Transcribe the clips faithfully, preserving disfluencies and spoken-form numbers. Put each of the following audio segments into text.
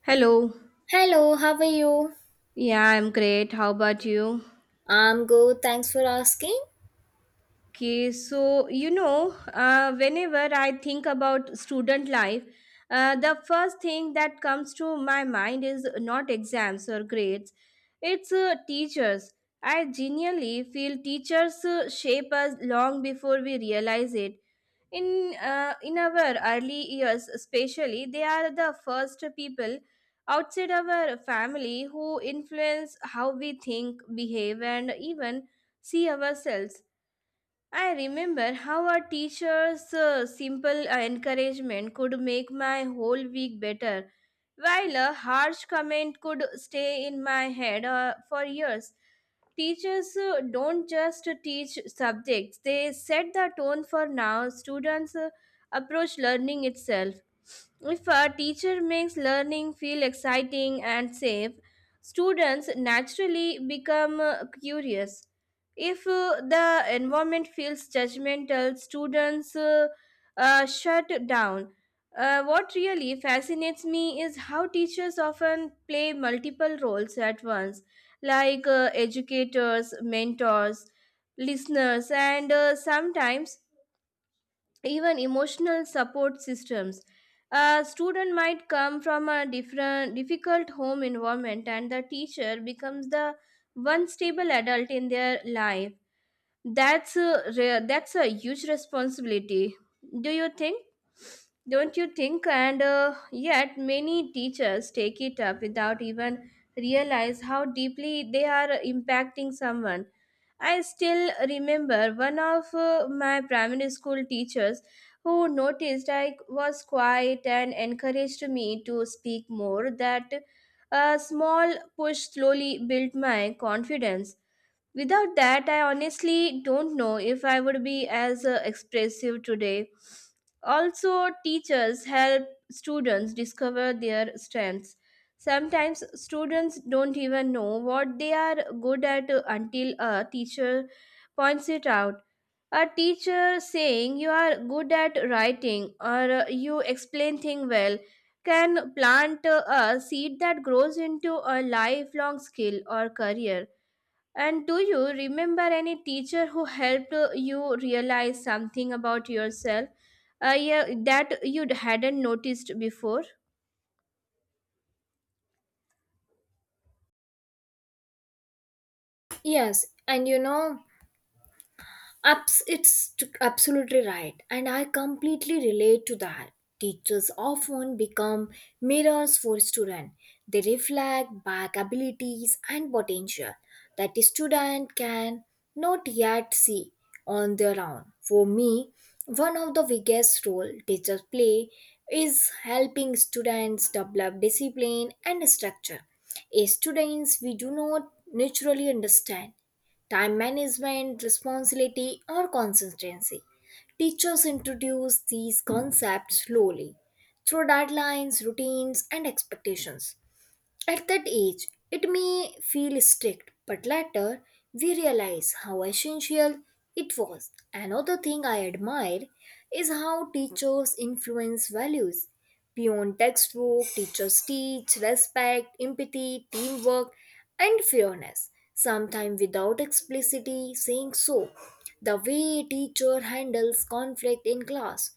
Hello. Hello, how are you? Yeah, I'm great. How about you? I'm good, thanks for asking. Okay, so you know, uh, whenever I think about student life, uh, the first thing that comes to my mind is not exams or grades, it's uh, teachers. I genuinely feel teachers uh, shape us long before we realize it. In uh, in our early years, especially, they are the first people outside our family who influence how we think, behave, and even see ourselves. I remember how our teacher's uh, simple uh, encouragement could make my whole week better, while a harsh comment could stay in my head uh, for years. Teachers uh, don't just teach subjects, they set the tone for now students uh, approach learning itself. If a teacher makes learning feel exciting and safe, students naturally become uh, curious. If uh, the environment feels judgmental, students uh, uh, shut down. Uh, what really fascinates me is how teachers often play multiple roles at once, like uh, educators, mentors, listeners, and uh, sometimes even emotional support systems. A student might come from a different, difficult home environment, and the teacher becomes the one stable adult in their life. That's a, re- that's a huge responsibility. Do you think? Don't you think? And uh, yet, many teachers take it up without even realize how deeply they are impacting someone. I still remember one of uh, my primary school teachers who noticed I was quiet and encouraged me to speak more. That a small push slowly built my confidence. Without that, I honestly don't know if I would be as uh, expressive today. Also, teachers help students discover their strengths. Sometimes students don't even know what they are good at until a teacher points it out. A teacher saying you are good at writing or uh, you explain things well can plant uh, a seed that grows into a lifelong skill or career. And do you remember any teacher who helped uh, you realize something about yourself uh, yeah, that you hadn't noticed before? Yes, and you know, Abs- it's t- absolutely right, and I completely relate to that. Teachers often become mirrors for students. They reflect back abilities and potential that the student can not yet see on their own. For me, one of the biggest role teachers play is helping students develop discipline and structure. As students, we do not naturally understand time management, responsibility, or consistency. Teachers introduce these concepts slowly through deadlines, routines, and expectations. At that age, it may feel strict, but later we realize how essential it was. Another thing I admire is how teachers influence values. Beyond textbook, teachers teach respect, empathy, teamwork, and fairness, sometimes without explicitly saying so. The way a teacher handles conflict in class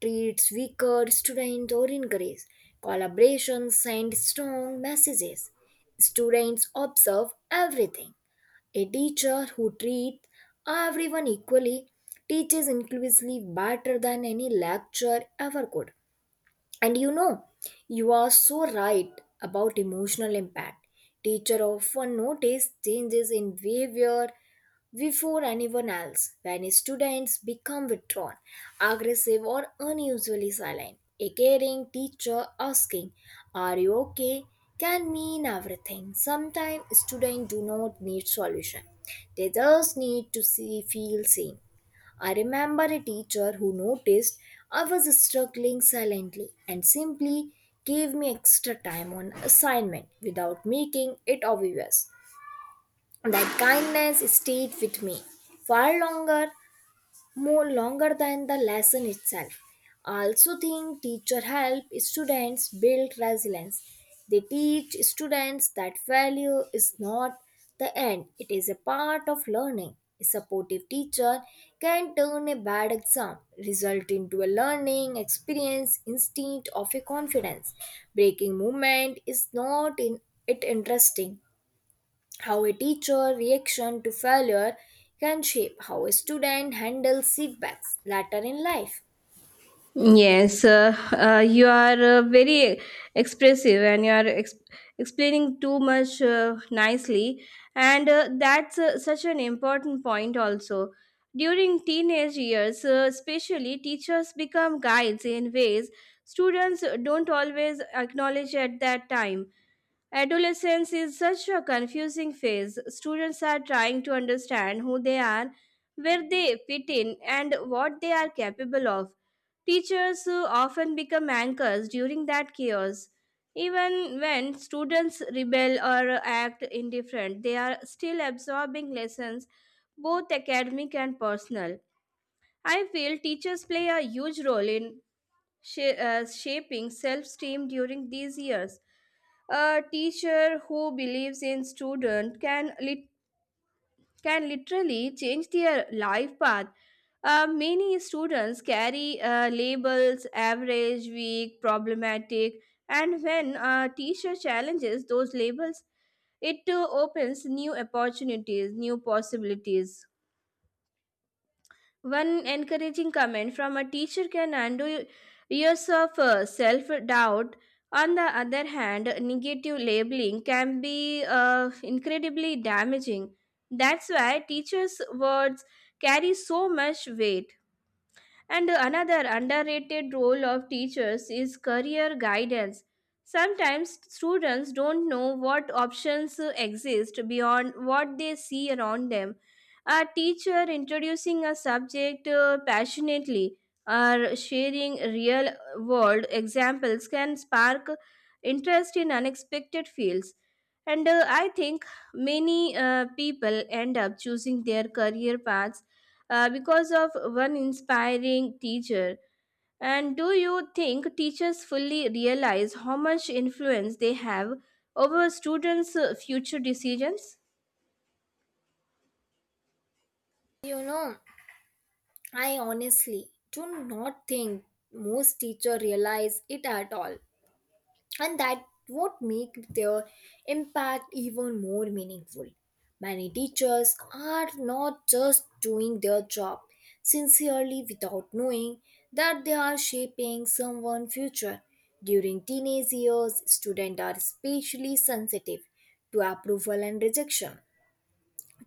treats weaker students or encourage collaboration, send strong messages. Students observe everything. A teacher who treats everyone equally teaches inclusively better than any lecture ever could. And you know, you are so right about emotional impact. Teacher often notice changes in behavior before anyone else when students become withdrawn, aggressive, or unusually silent. A caring teacher asking, "Are you okay?" can mean everything. Sometimes students do not need solution. They just need to see feel seen. I remember a teacher who noticed I was struggling silently and simply gave me extra time on assignment without making it obvious. That kindness stayed with me far longer more longer than the lesson itself. I also think teacher help students build resilience. They teach students that failure is not the end, it is a part of learning. A supportive teacher can turn a bad exam result into a learning experience instead of a confidence. Breaking movement is not in it interesting how a teacher reaction to failure can shape how a student handles setbacks later in life. Yes, uh, uh, you are uh, very expressive and you are ex- explaining too much uh, nicely, and uh, that's uh, such an important point also. During teenage years, uh, especially, teachers become guides in ways students don't always acknowledge at that time. Adolescence is such a confusing phase. Students are trying to understand who they are, where they fit in, and what they are capable of. Teachers uh, often become anchors during that chaos. Even when students rebel or act indifferent, they are still absorbing lessons, both academic and personal. I feel teachers play a huge role in sha- uh, shaping self esteem during these years. A teacher who believes in student can lit- can literally change their life path. Uh, many students carry uh, labels average, weak, problematic, and when a teacher challenges those labels, it uh, opens new opportunities, new possibilities. One encouraging comment from a teacher can undo years of uh, self doubt. On the other hand, negative labeling can be uh, incredibly damaging. That's why teachers' words carry so much weight. And another underrated role of teachers is career guidance. Sometimes students don't know what options exist beyond what they see around them. A teacher introducing a subject uh, passionately or sharing real world examples can spark interest in unexpected fields. And uh, I think many uh, people end up choosing their career paths uh, because of one inspiring teacher. And do you think teachers fully realize how much influence they have over students' uh, future decisions? You know, I honestly do not think most teachers realize it at all, and that would make their impact even more meaningful. Many teachers are not just doing their job sincerely without knowing that they are shaping someone's future. During teenage years, students are especially sensitive to approval and rejection.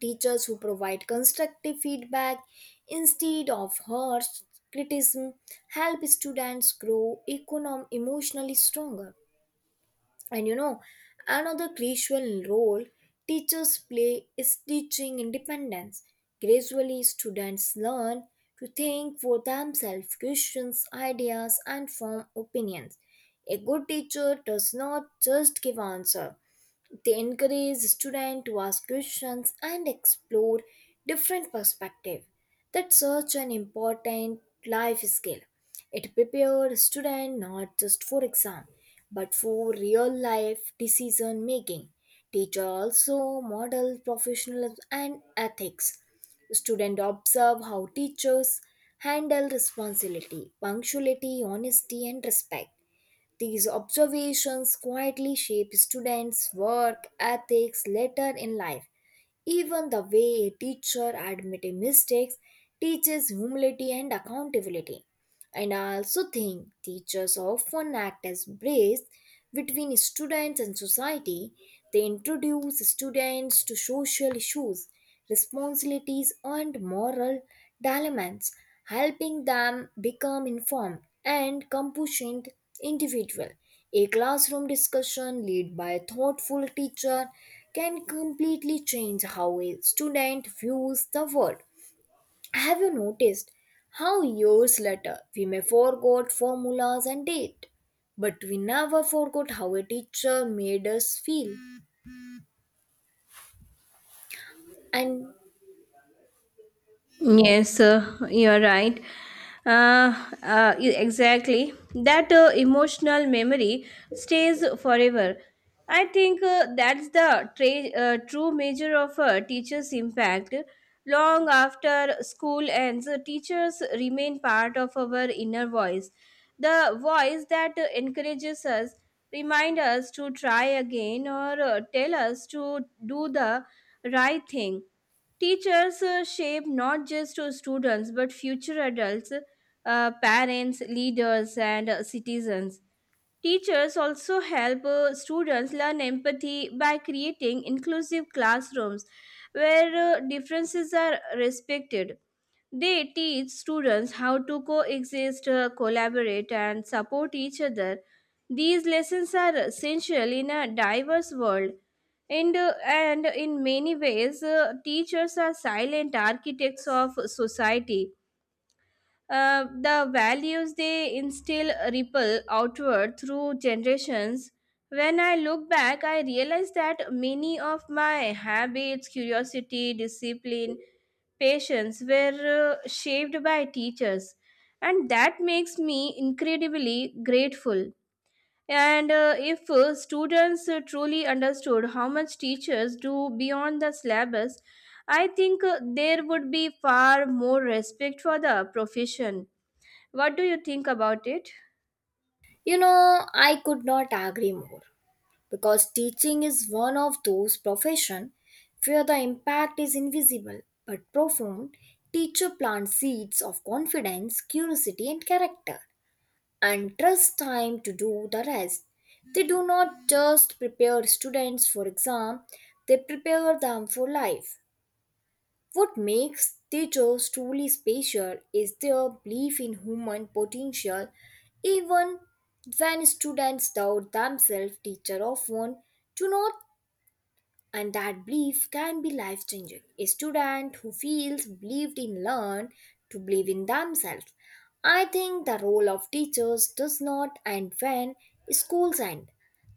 Teachers who provide constructive feedback instead of harsh criticism help students grow econom- emotionally stronger. And you know, another crucial role teachers play is teaching independence. Gradually, students learn to think for themselves, question ideas, and form opinions. A good teacher does not just give answers, they encourage students to ask questions and explore different perspectives. That's such an important life skill. It prepares students not just for exam, but for real life decision making. Teacher also model professionalism and ethics. Student observe how teachers handle responsibility, punctuality, honesty, and respect. These observations quietly shape students' work ethics later in life. Even the way a teacher admits mistakes teaches humility and accountability. And I also think teachers often act as bridges between students and society. They introduce students to social issues, responsibilities, and moral dilemmas, helping them become informed and compassionate individual. A classroom discussion led by a thoughtful teacher can completely change how a student views the world. Have you noticed how years later we may forgot formulas and date, but we never forgot how a teacher made us feel? And Yes, uh, you're right. Uh, uh, e- exactly. That uh, emotional memory stays forever. I think uh, that's the tra- uh, true measure of a teacher's impact. Long after school ends, uh, teachers remain part of our inner voice, the voice that uh, encourages us, remind us to try again, or uh, tell us to do the right thing. Teachers uh, shape not just uh, students but future adults, uh, parents, leaders, and uh, citizens. Teachers also help uh, students learn empathy by creating inclusive classrooms where uh, differences are respected. They teach students how to coexist, uh, collaborate, and support each other. These lessons are essential in a diverse world. And, uh, and in many ways, uh, teachers are silent architects of society. Uh, the values they instill ripple outward through generations. When I look back, I realize that many of my habits, curiosity, discipline, patients were uh, shaped by teachers, and that makes me incredibly grateful. And uh, if uh, students uh, truly understood how much teachers do beyond the syllabus, I think uh, there would be far more respect for the profession. What do you think about it? you know, I could not agree more because teaching is one of those profession where the impact is invisible but profound. Teacher plants seeds of confidence, curiosity, and character and trust time to do the rest. They do not just prepare students for exam, they prepare them for life. What makes teachers truly special is their belief in human potential. Even when students doubt themselves, teachers often do not and that belief can be life changing. A student who feels believed in learn to believe in themselves. I think the role of teachers does not end when schools end.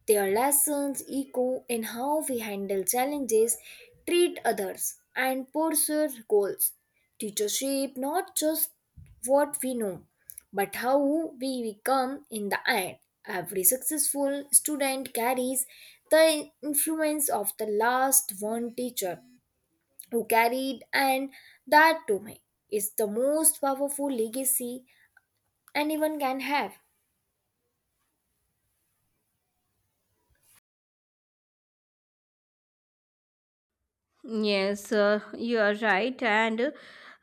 Their lessons echo in how we handle challenges, treat others, and pursue goals. Teachers shape not just what we know, but how we become in the end. Every successful student carries the influence of the last one teacher who carried, and that to me is the most powerful legacy anyone can have. Yes, uh, you are right. And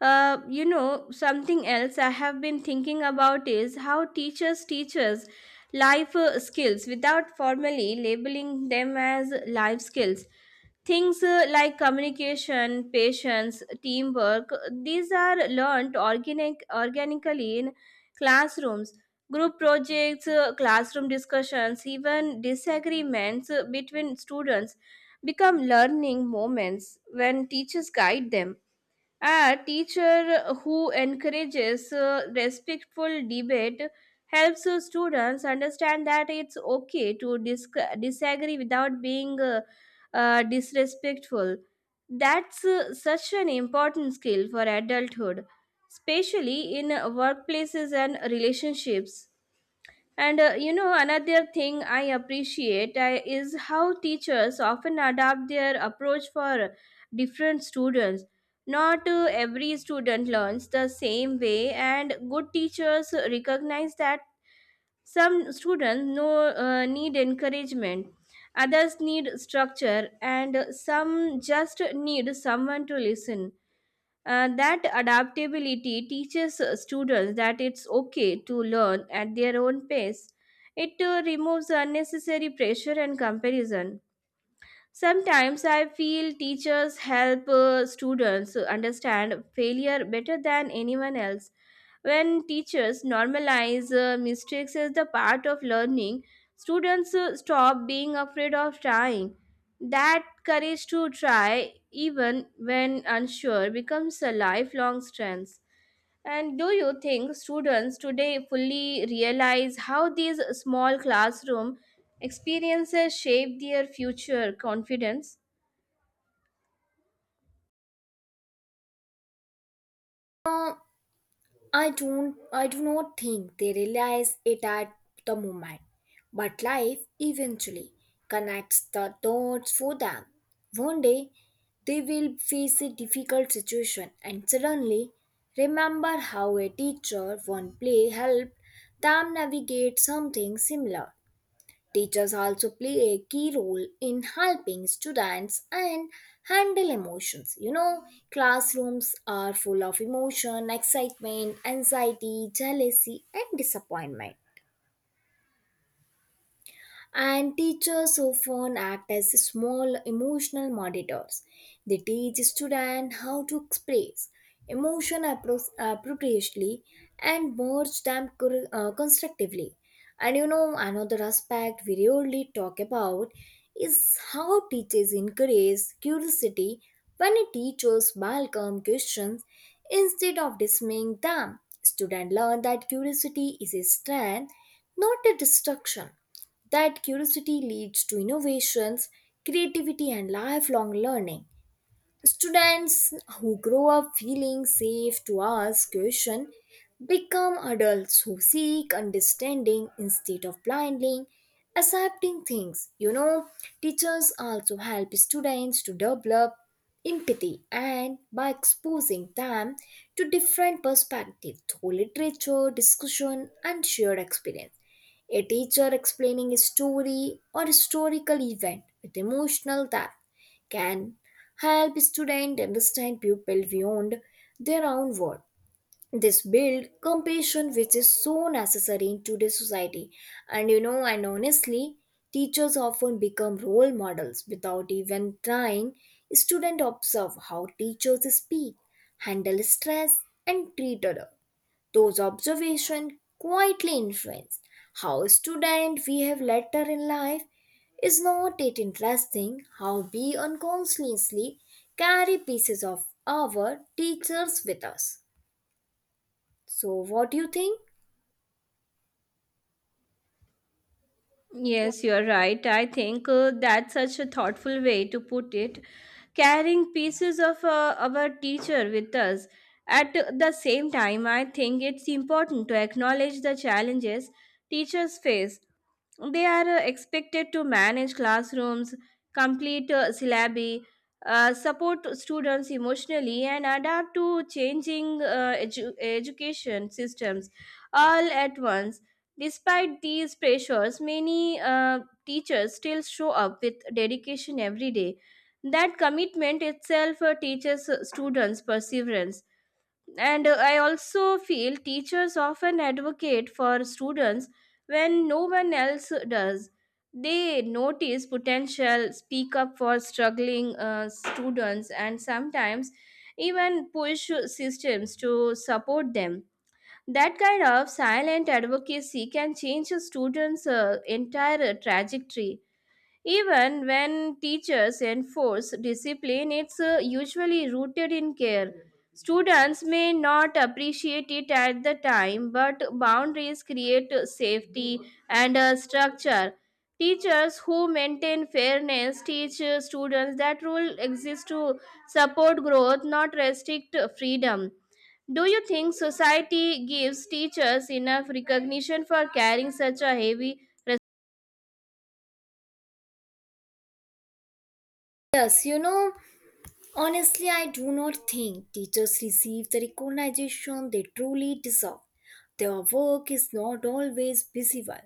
uh, you know, something else I have been thinking about is how teachers teach us life uh, skills without formally labeling them as life skills. Things uh, like communication, patience, teamwork, these are learned organic, organically in classrooms. Group projects, uh, classroom discussions, even disagreements uh, between students become learning moments when teachers guide them. A teacher who encourages uh, respectful debate helps uh, students understand that it's okay to dis- disagree without being uh, uh, disrespectful. That's uh, such an important skill for adulthood, especially in uh, workplaces and relationships. And uh, you know, another thing I appreciate uh, is how teachers often adapt their approach for different students. Not uh, every student learns the same way, and good teachers recognize that some students no, uh, need encouragement, others need structure, and some just need someone to listen. Uh, that adaptability teaches uh, students that it's okay to learn at their own pace. It uh, removes unnecessary pressure and comparison. Sometimes I feel teachers help uh, students understand failure better than anyone else. When teachers normalize uh, mistakes as the part of learning, students uh, stop being afraid of trying. That courage to try, even when unsure, becomes a lifelong strength. And do you think students today fully realize how these small classroom experiences shape their future confidence? Uh, I don't I do not think they realize it at the moment, but life eventually connects the dots for them. One day they will face a difficult situation and suddenly remember how a teacher one play helped them navigate something similar. Teachers also play a key role in helping students and handle emotions. You know, classrooms are full of emotion, excitement, anxiety, jealousy, and disappointment. And teachers often act as small emotional monitors. They teach students how to express emotion appro- appropriately and merge them cor- uh, constructively. And you know, another aspect we rarely talk about is how teachers encourage curiosity when a teachers welcome questions instead of dismissing them. Students learn that curiosity is a strength, not a destruction. That curiosity leads to innovations, creativity, and lifelong learning. Students who grow up feeling safe to ask questions become adults who seek understanding instead of blindly accepting things. You know, teachers also help students to develop empathy and by exposing them to different perspectives through literature, discussion, and shared experience. A teacher explaining a story or historical event with emotional depth can help students understand people beyond their own world. This build compassion which is so necessary in today's society. And you know, and honestly, teachers often become role models without even trying. Students observe how teachers speak, handle stress, and treat others. Those observations quietly influence how student we have later in life. Is not it interesting how we unconsciously carry pieces of our teachers with us? So, what do you think? Yes, you're right. I think uh, that's such a thoughtful way to put it. Carrying pieces of uh, our teacher with us. At the same time, I think it's important to acknowledge the challenges teachers face. They are uh, expected to manage classrooms, complete uh, syllabi, uh, support students emotionally, and adapt to changing uh, edu- education systems all at once. Despite these pressures, many uh, teachers still show up with dedication every day. That commitment itself uh, teaches uh, students perseverance. And uh, I also feel teachers often advocate for students when no one else does. They notice potential, speak up for struggling uh, students, and sometimes even push systems to support them. That kind of silent advocacy can change a student's uh, entire trajectory. Even when teachers enforce discipline, it's uh, usually rooted in care. Students may not appreciate it at the time, but boundaries create safety and a structure. Teachers who maintain fairness teach uh, students that rule exists to support growth, not restrict freedom. Do you think society gives teachers enough recognition for carrying such a heavy? Yes, you know, honestly, I do not think teachers receive the recognition they truly deserve. Their work is not always visible,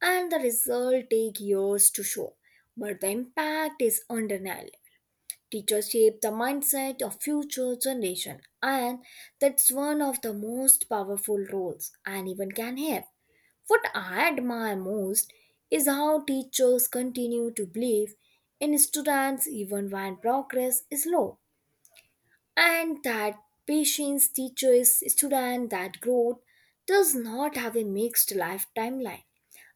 and the result take years to show, but the impact is undeniable. Teachers shape the mindset of future generation and that's one of the most powerful roles anyone can have. What I admire most is how teachers continue to believe in students even when progress is slow and that patience teachers, students that growth does not have a mixed life timeline.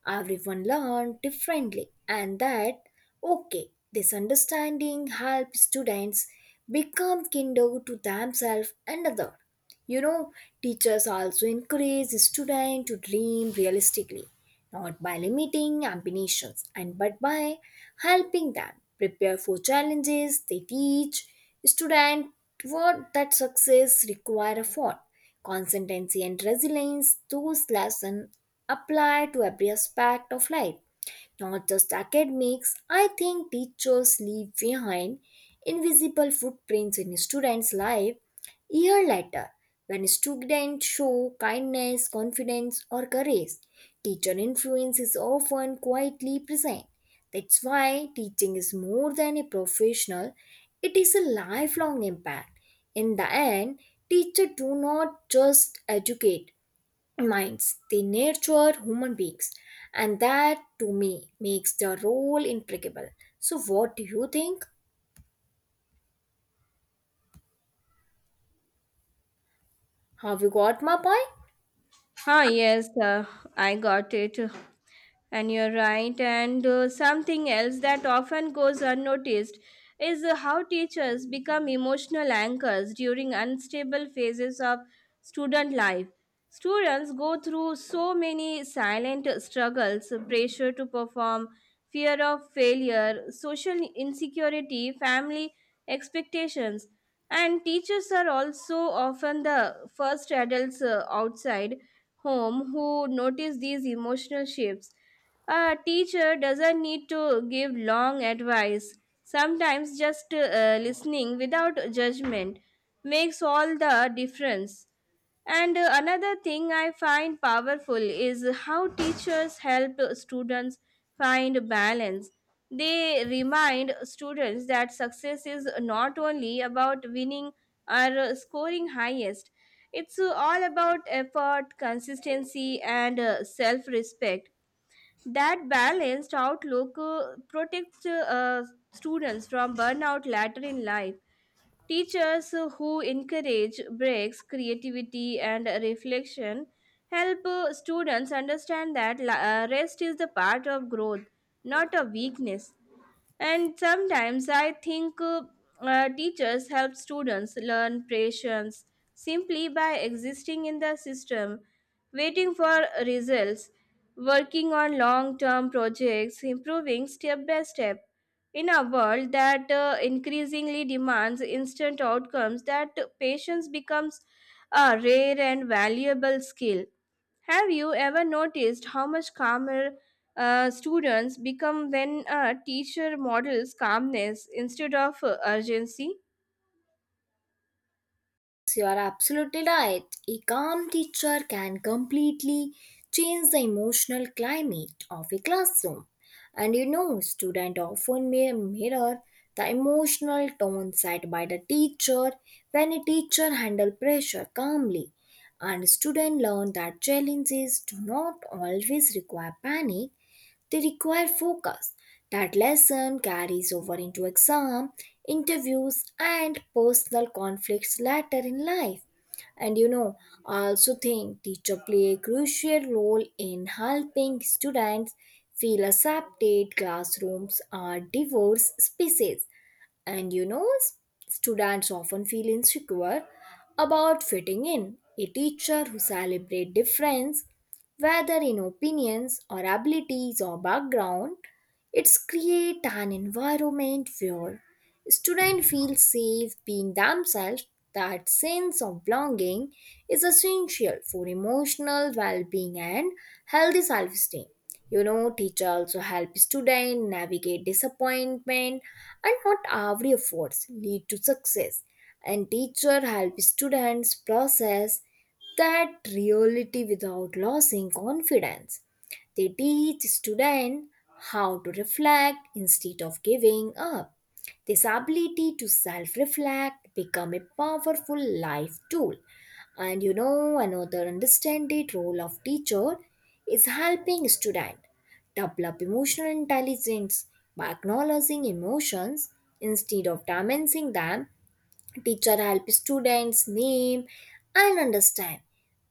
Everyone learns differently, and that okay, this understanding helps students become kinder to themselves and other. You know, teachers also encourage students to dream realistically not by limiting ambitions and but by helping them prepare for challenges they teach students what that success require effort, consistency and resilience. Those lessons apply to every aspect of life, not just academics. I think teachers leave behind invisible footprints in students' life year later. When students show kindness, confidence, or courage, teacher influence is often quietly present. That's why teaching is more than a professional, it is a lifelong impact. In the end, teachers do not just educate, minds. They nurture human beings, and that to me makes the role impeccable. So, what do you think? Have you got my point? Huh? Yes, uh, I got it. And you're right. And uh, something else that often goes unnoticed is uh, how teachers become emotional anchors during unstable phases of student life. Students go through so many silent struggles pressure to perform, fear of failure, social insecurity, family expectations. And teachers are also often the first adults uh, outside home who notice these emotional shifts. A teacher doesn't need to give long advice. Sometimes just uh, listening without judgment makes all the difference. And uh, another thing I find powerful is how teachers help students find balance. They remind students that success is not only about winning or uh, scoring highest, it's uh, all about effort, consistency, and self respect. That balanced outlook uh, protects uh, students from burnout later in life. Teachers who encourage breaks, creativity, and reflection help uh, students understand that la- uh, rest is the part of growth, not a weakness. And sometimes I think uh, uh, teachers help students learn patience simply by existing in the system, waiting for results, working on long term projects, improving step by step. In a world that uh, increasingly demands instant outcomes, that patience becomes a rare and valuable skill. Have you ever noticed how much calmer uh, students become when a teacher models calmness instead of uh, urgency? You are absolutely right. A calm teacher can completely change the emotional climate of a classroom. And you know, students often may mirror the emotional tone set by the teacher when a teacher handles pressure calmly. And students learn that challenges do not always require panic, they require focus. That lesson carries over into exam, interviews, and personal conflicts later in life. And you know, I also think teacher play a crucial role in helping students feel accepted. Classrooms are diverse spaces and you know, s- students often feel insecure about fitting in. A teacher who celebrates difference, whether in opinions or abilities or background, it's create an environment where students feel safe being themselves. That sense of belonging is essential for emotional well-being and healthy self-esteem. You know, teacher also help student navigate disappointment and not every efforts lead to success. And teacher help students process that reality without losing confidence. They teach students how to reflect instead of giving up. This ability to self reflect become a powerful life tool. And you know, another understanding role of teacher is helping student develop emotional intelligence by acknowledging emotions instead of dismissing them, teacher help students name and understand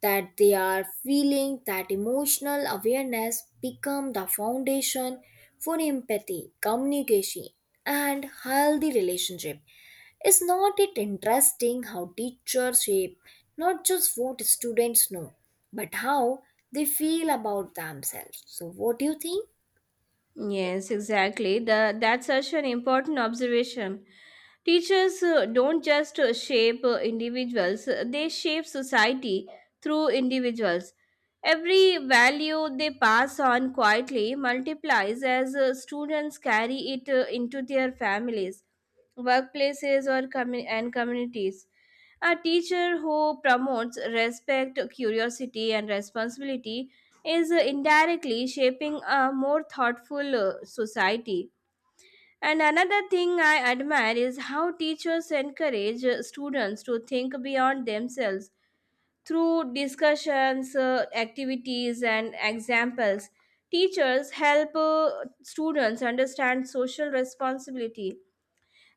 that they are feeling. That emotional awareness become the foundation for empathy, communication, and healthy relationship. Is not it interesting how teachers shape not just what students know but how they feel about themselves? So what do you think? Yes, exactly. The, that's such an important observation. Teachers uh, don't just uh, shape uh, individuals, uh, they shape society through individuals. Every value they pass on quietly multiplies as uh, students carry it uh, into their families, workplaces, or commu- and communities. A teacher who promotes respect, curiosity, and responsibility is uh, indirectly shaping a more thoughtful uh, society. And another thing I admire is how teachers encourage uh, students to think beyond themselves through discussions, uh, activities, and examples. Teachers help uh, students understand social responsibility.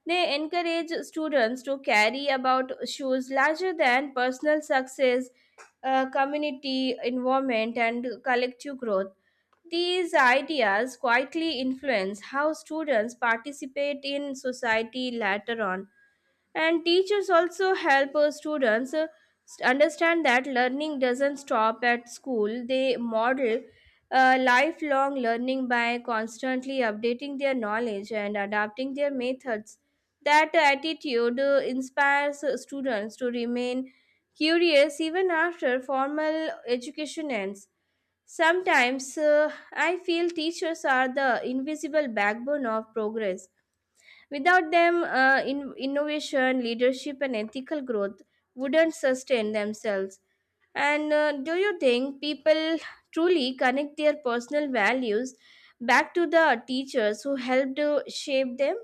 They encourage students to carry about issues larger than personal success, uh, community involvement, and collective growth. These ideas quietly influence how students participate in society later on. And teachers also help uh, students uh, st- understand that learning doesn't stop at school. They model uh, lifelong learning by constantly updating their knowledge and adapting their methods. That attitude uh, inspires uh, students to remain curious even after formal education ends. Sometimes uh, I feel teachers are the invisible backbone of progress. Without them, uh, in- innovation, leadership, and ethical growth wouldn't sustain themselves. And uh, do you think people truly connect their personal values back to the teachers who helped uh, shape them?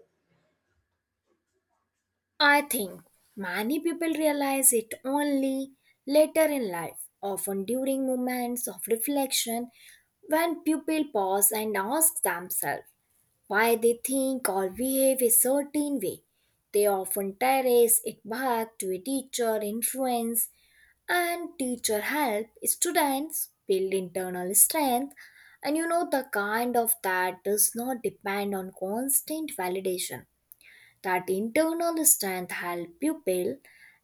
I think many people realize it only later in life, often during moments of reflection when people pause and ask themselves why they think or behave a certain way. They often trace it back to a teacher influence and teacher help students build internal strength and you know the kind of that does not depend on constant validation. That internal strength helps pupil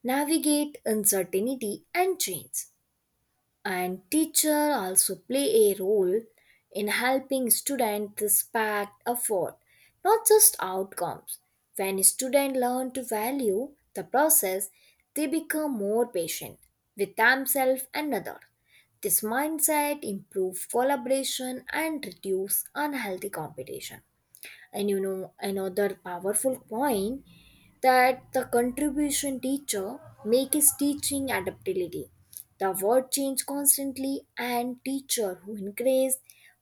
navigate uncertainty and change. And teacher also play a role in helping students respect effort, not just outcomes. When students learn to value the process, they become more patient with themselves and others. This mindset improves collaboration and reduces unhealthy competition. And you know, another powerful point that the contribution teacher make is teaching adaptability. The world change constantly and teacher who encourage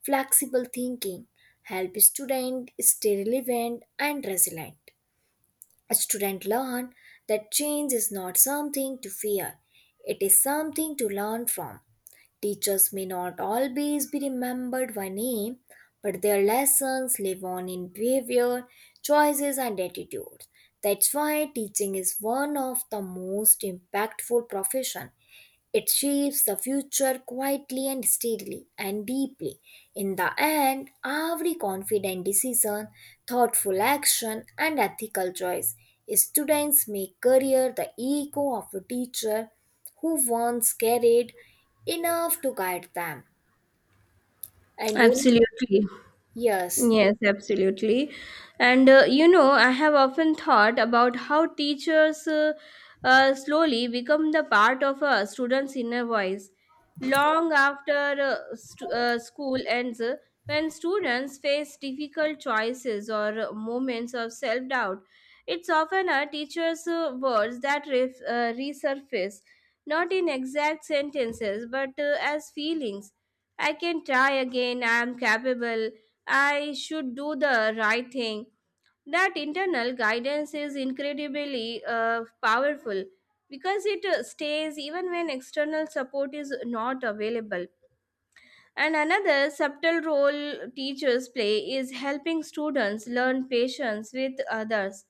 flexible thinking help student stay relevant and resilient. Students learn that change is not something to fear, it is something to learn from. Teachers may not always be remembered by name, but their lessons live on in behavior, choices, and attitudes. That's why teaching is one of the most impactful professions. It shapes the future quietly and steadily and deeply. In the end, every confident decision, thoughtful action, and ethical choice, students make career the echo of a teacher who once carried enough to guide them. And you, Absolutely. yes, Yes, absolutely. And uh, you know, I have often thought about how teachers uh, uh, slowly become the part of a student's inner voice. Long after uh, st- uh, school ends, uh, when students face difficult choices or uh, moments of self doubt, it's often a teacher's uh, words that ref- uh, resurface, not in exact sentences, but uh, as feelings. I can try again, I am capable. I should do the right thing. That internal guidance is incredibly uh, powerful because it uh, stays even when external support is not available. And another subtle role teachers play is helping students learn patience with others.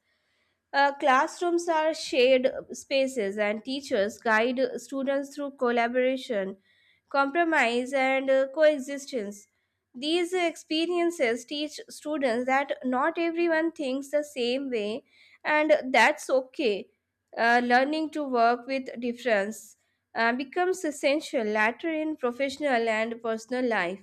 Uh, classrooms are shared spaces, and teachers guide students through collaboration, compromise, and uh, coexistence. These experiences teach students that not everyone thinks the same way, and that's okay. Uh, learning to work with difference uh, becomes essential later in professional and personal life.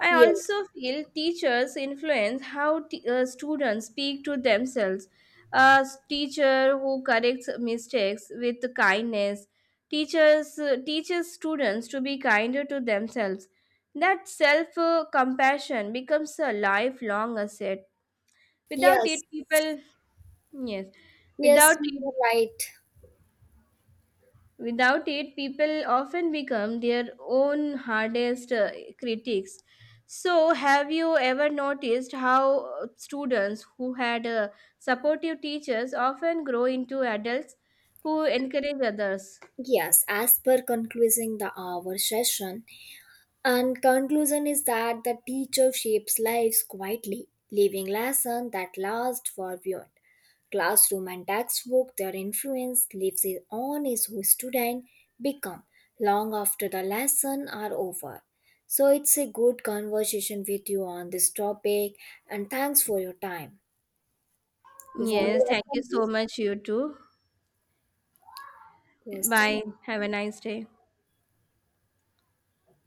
I yes, also feel teachers influence how t- uh, students speak to themselves. A s- teacher who corrects mistakes with kindness teachers uh, teaches students to be kinder to themselves. That self uh, compassion becomes a lifelong asset. Without it, yes, people yes, yes, without you it, are right. Without it, people often become their own hardest uh, critics. So, have you ever noticed how uh, students who had uh, supportive teachers often grow into adults who encourage others? Yes, as per concluding the our session, and conclusion is that the teacher shapes lives quietly, leaving lessons that last for beyond. Classroom and textbook, their influence lives on is who student become long after the lesson are over. So it's a good conversation with you on this topic and thanks for your time. You want Yes, to add thank you something? so much, you too. Yes, Bye. thank Have a nice day.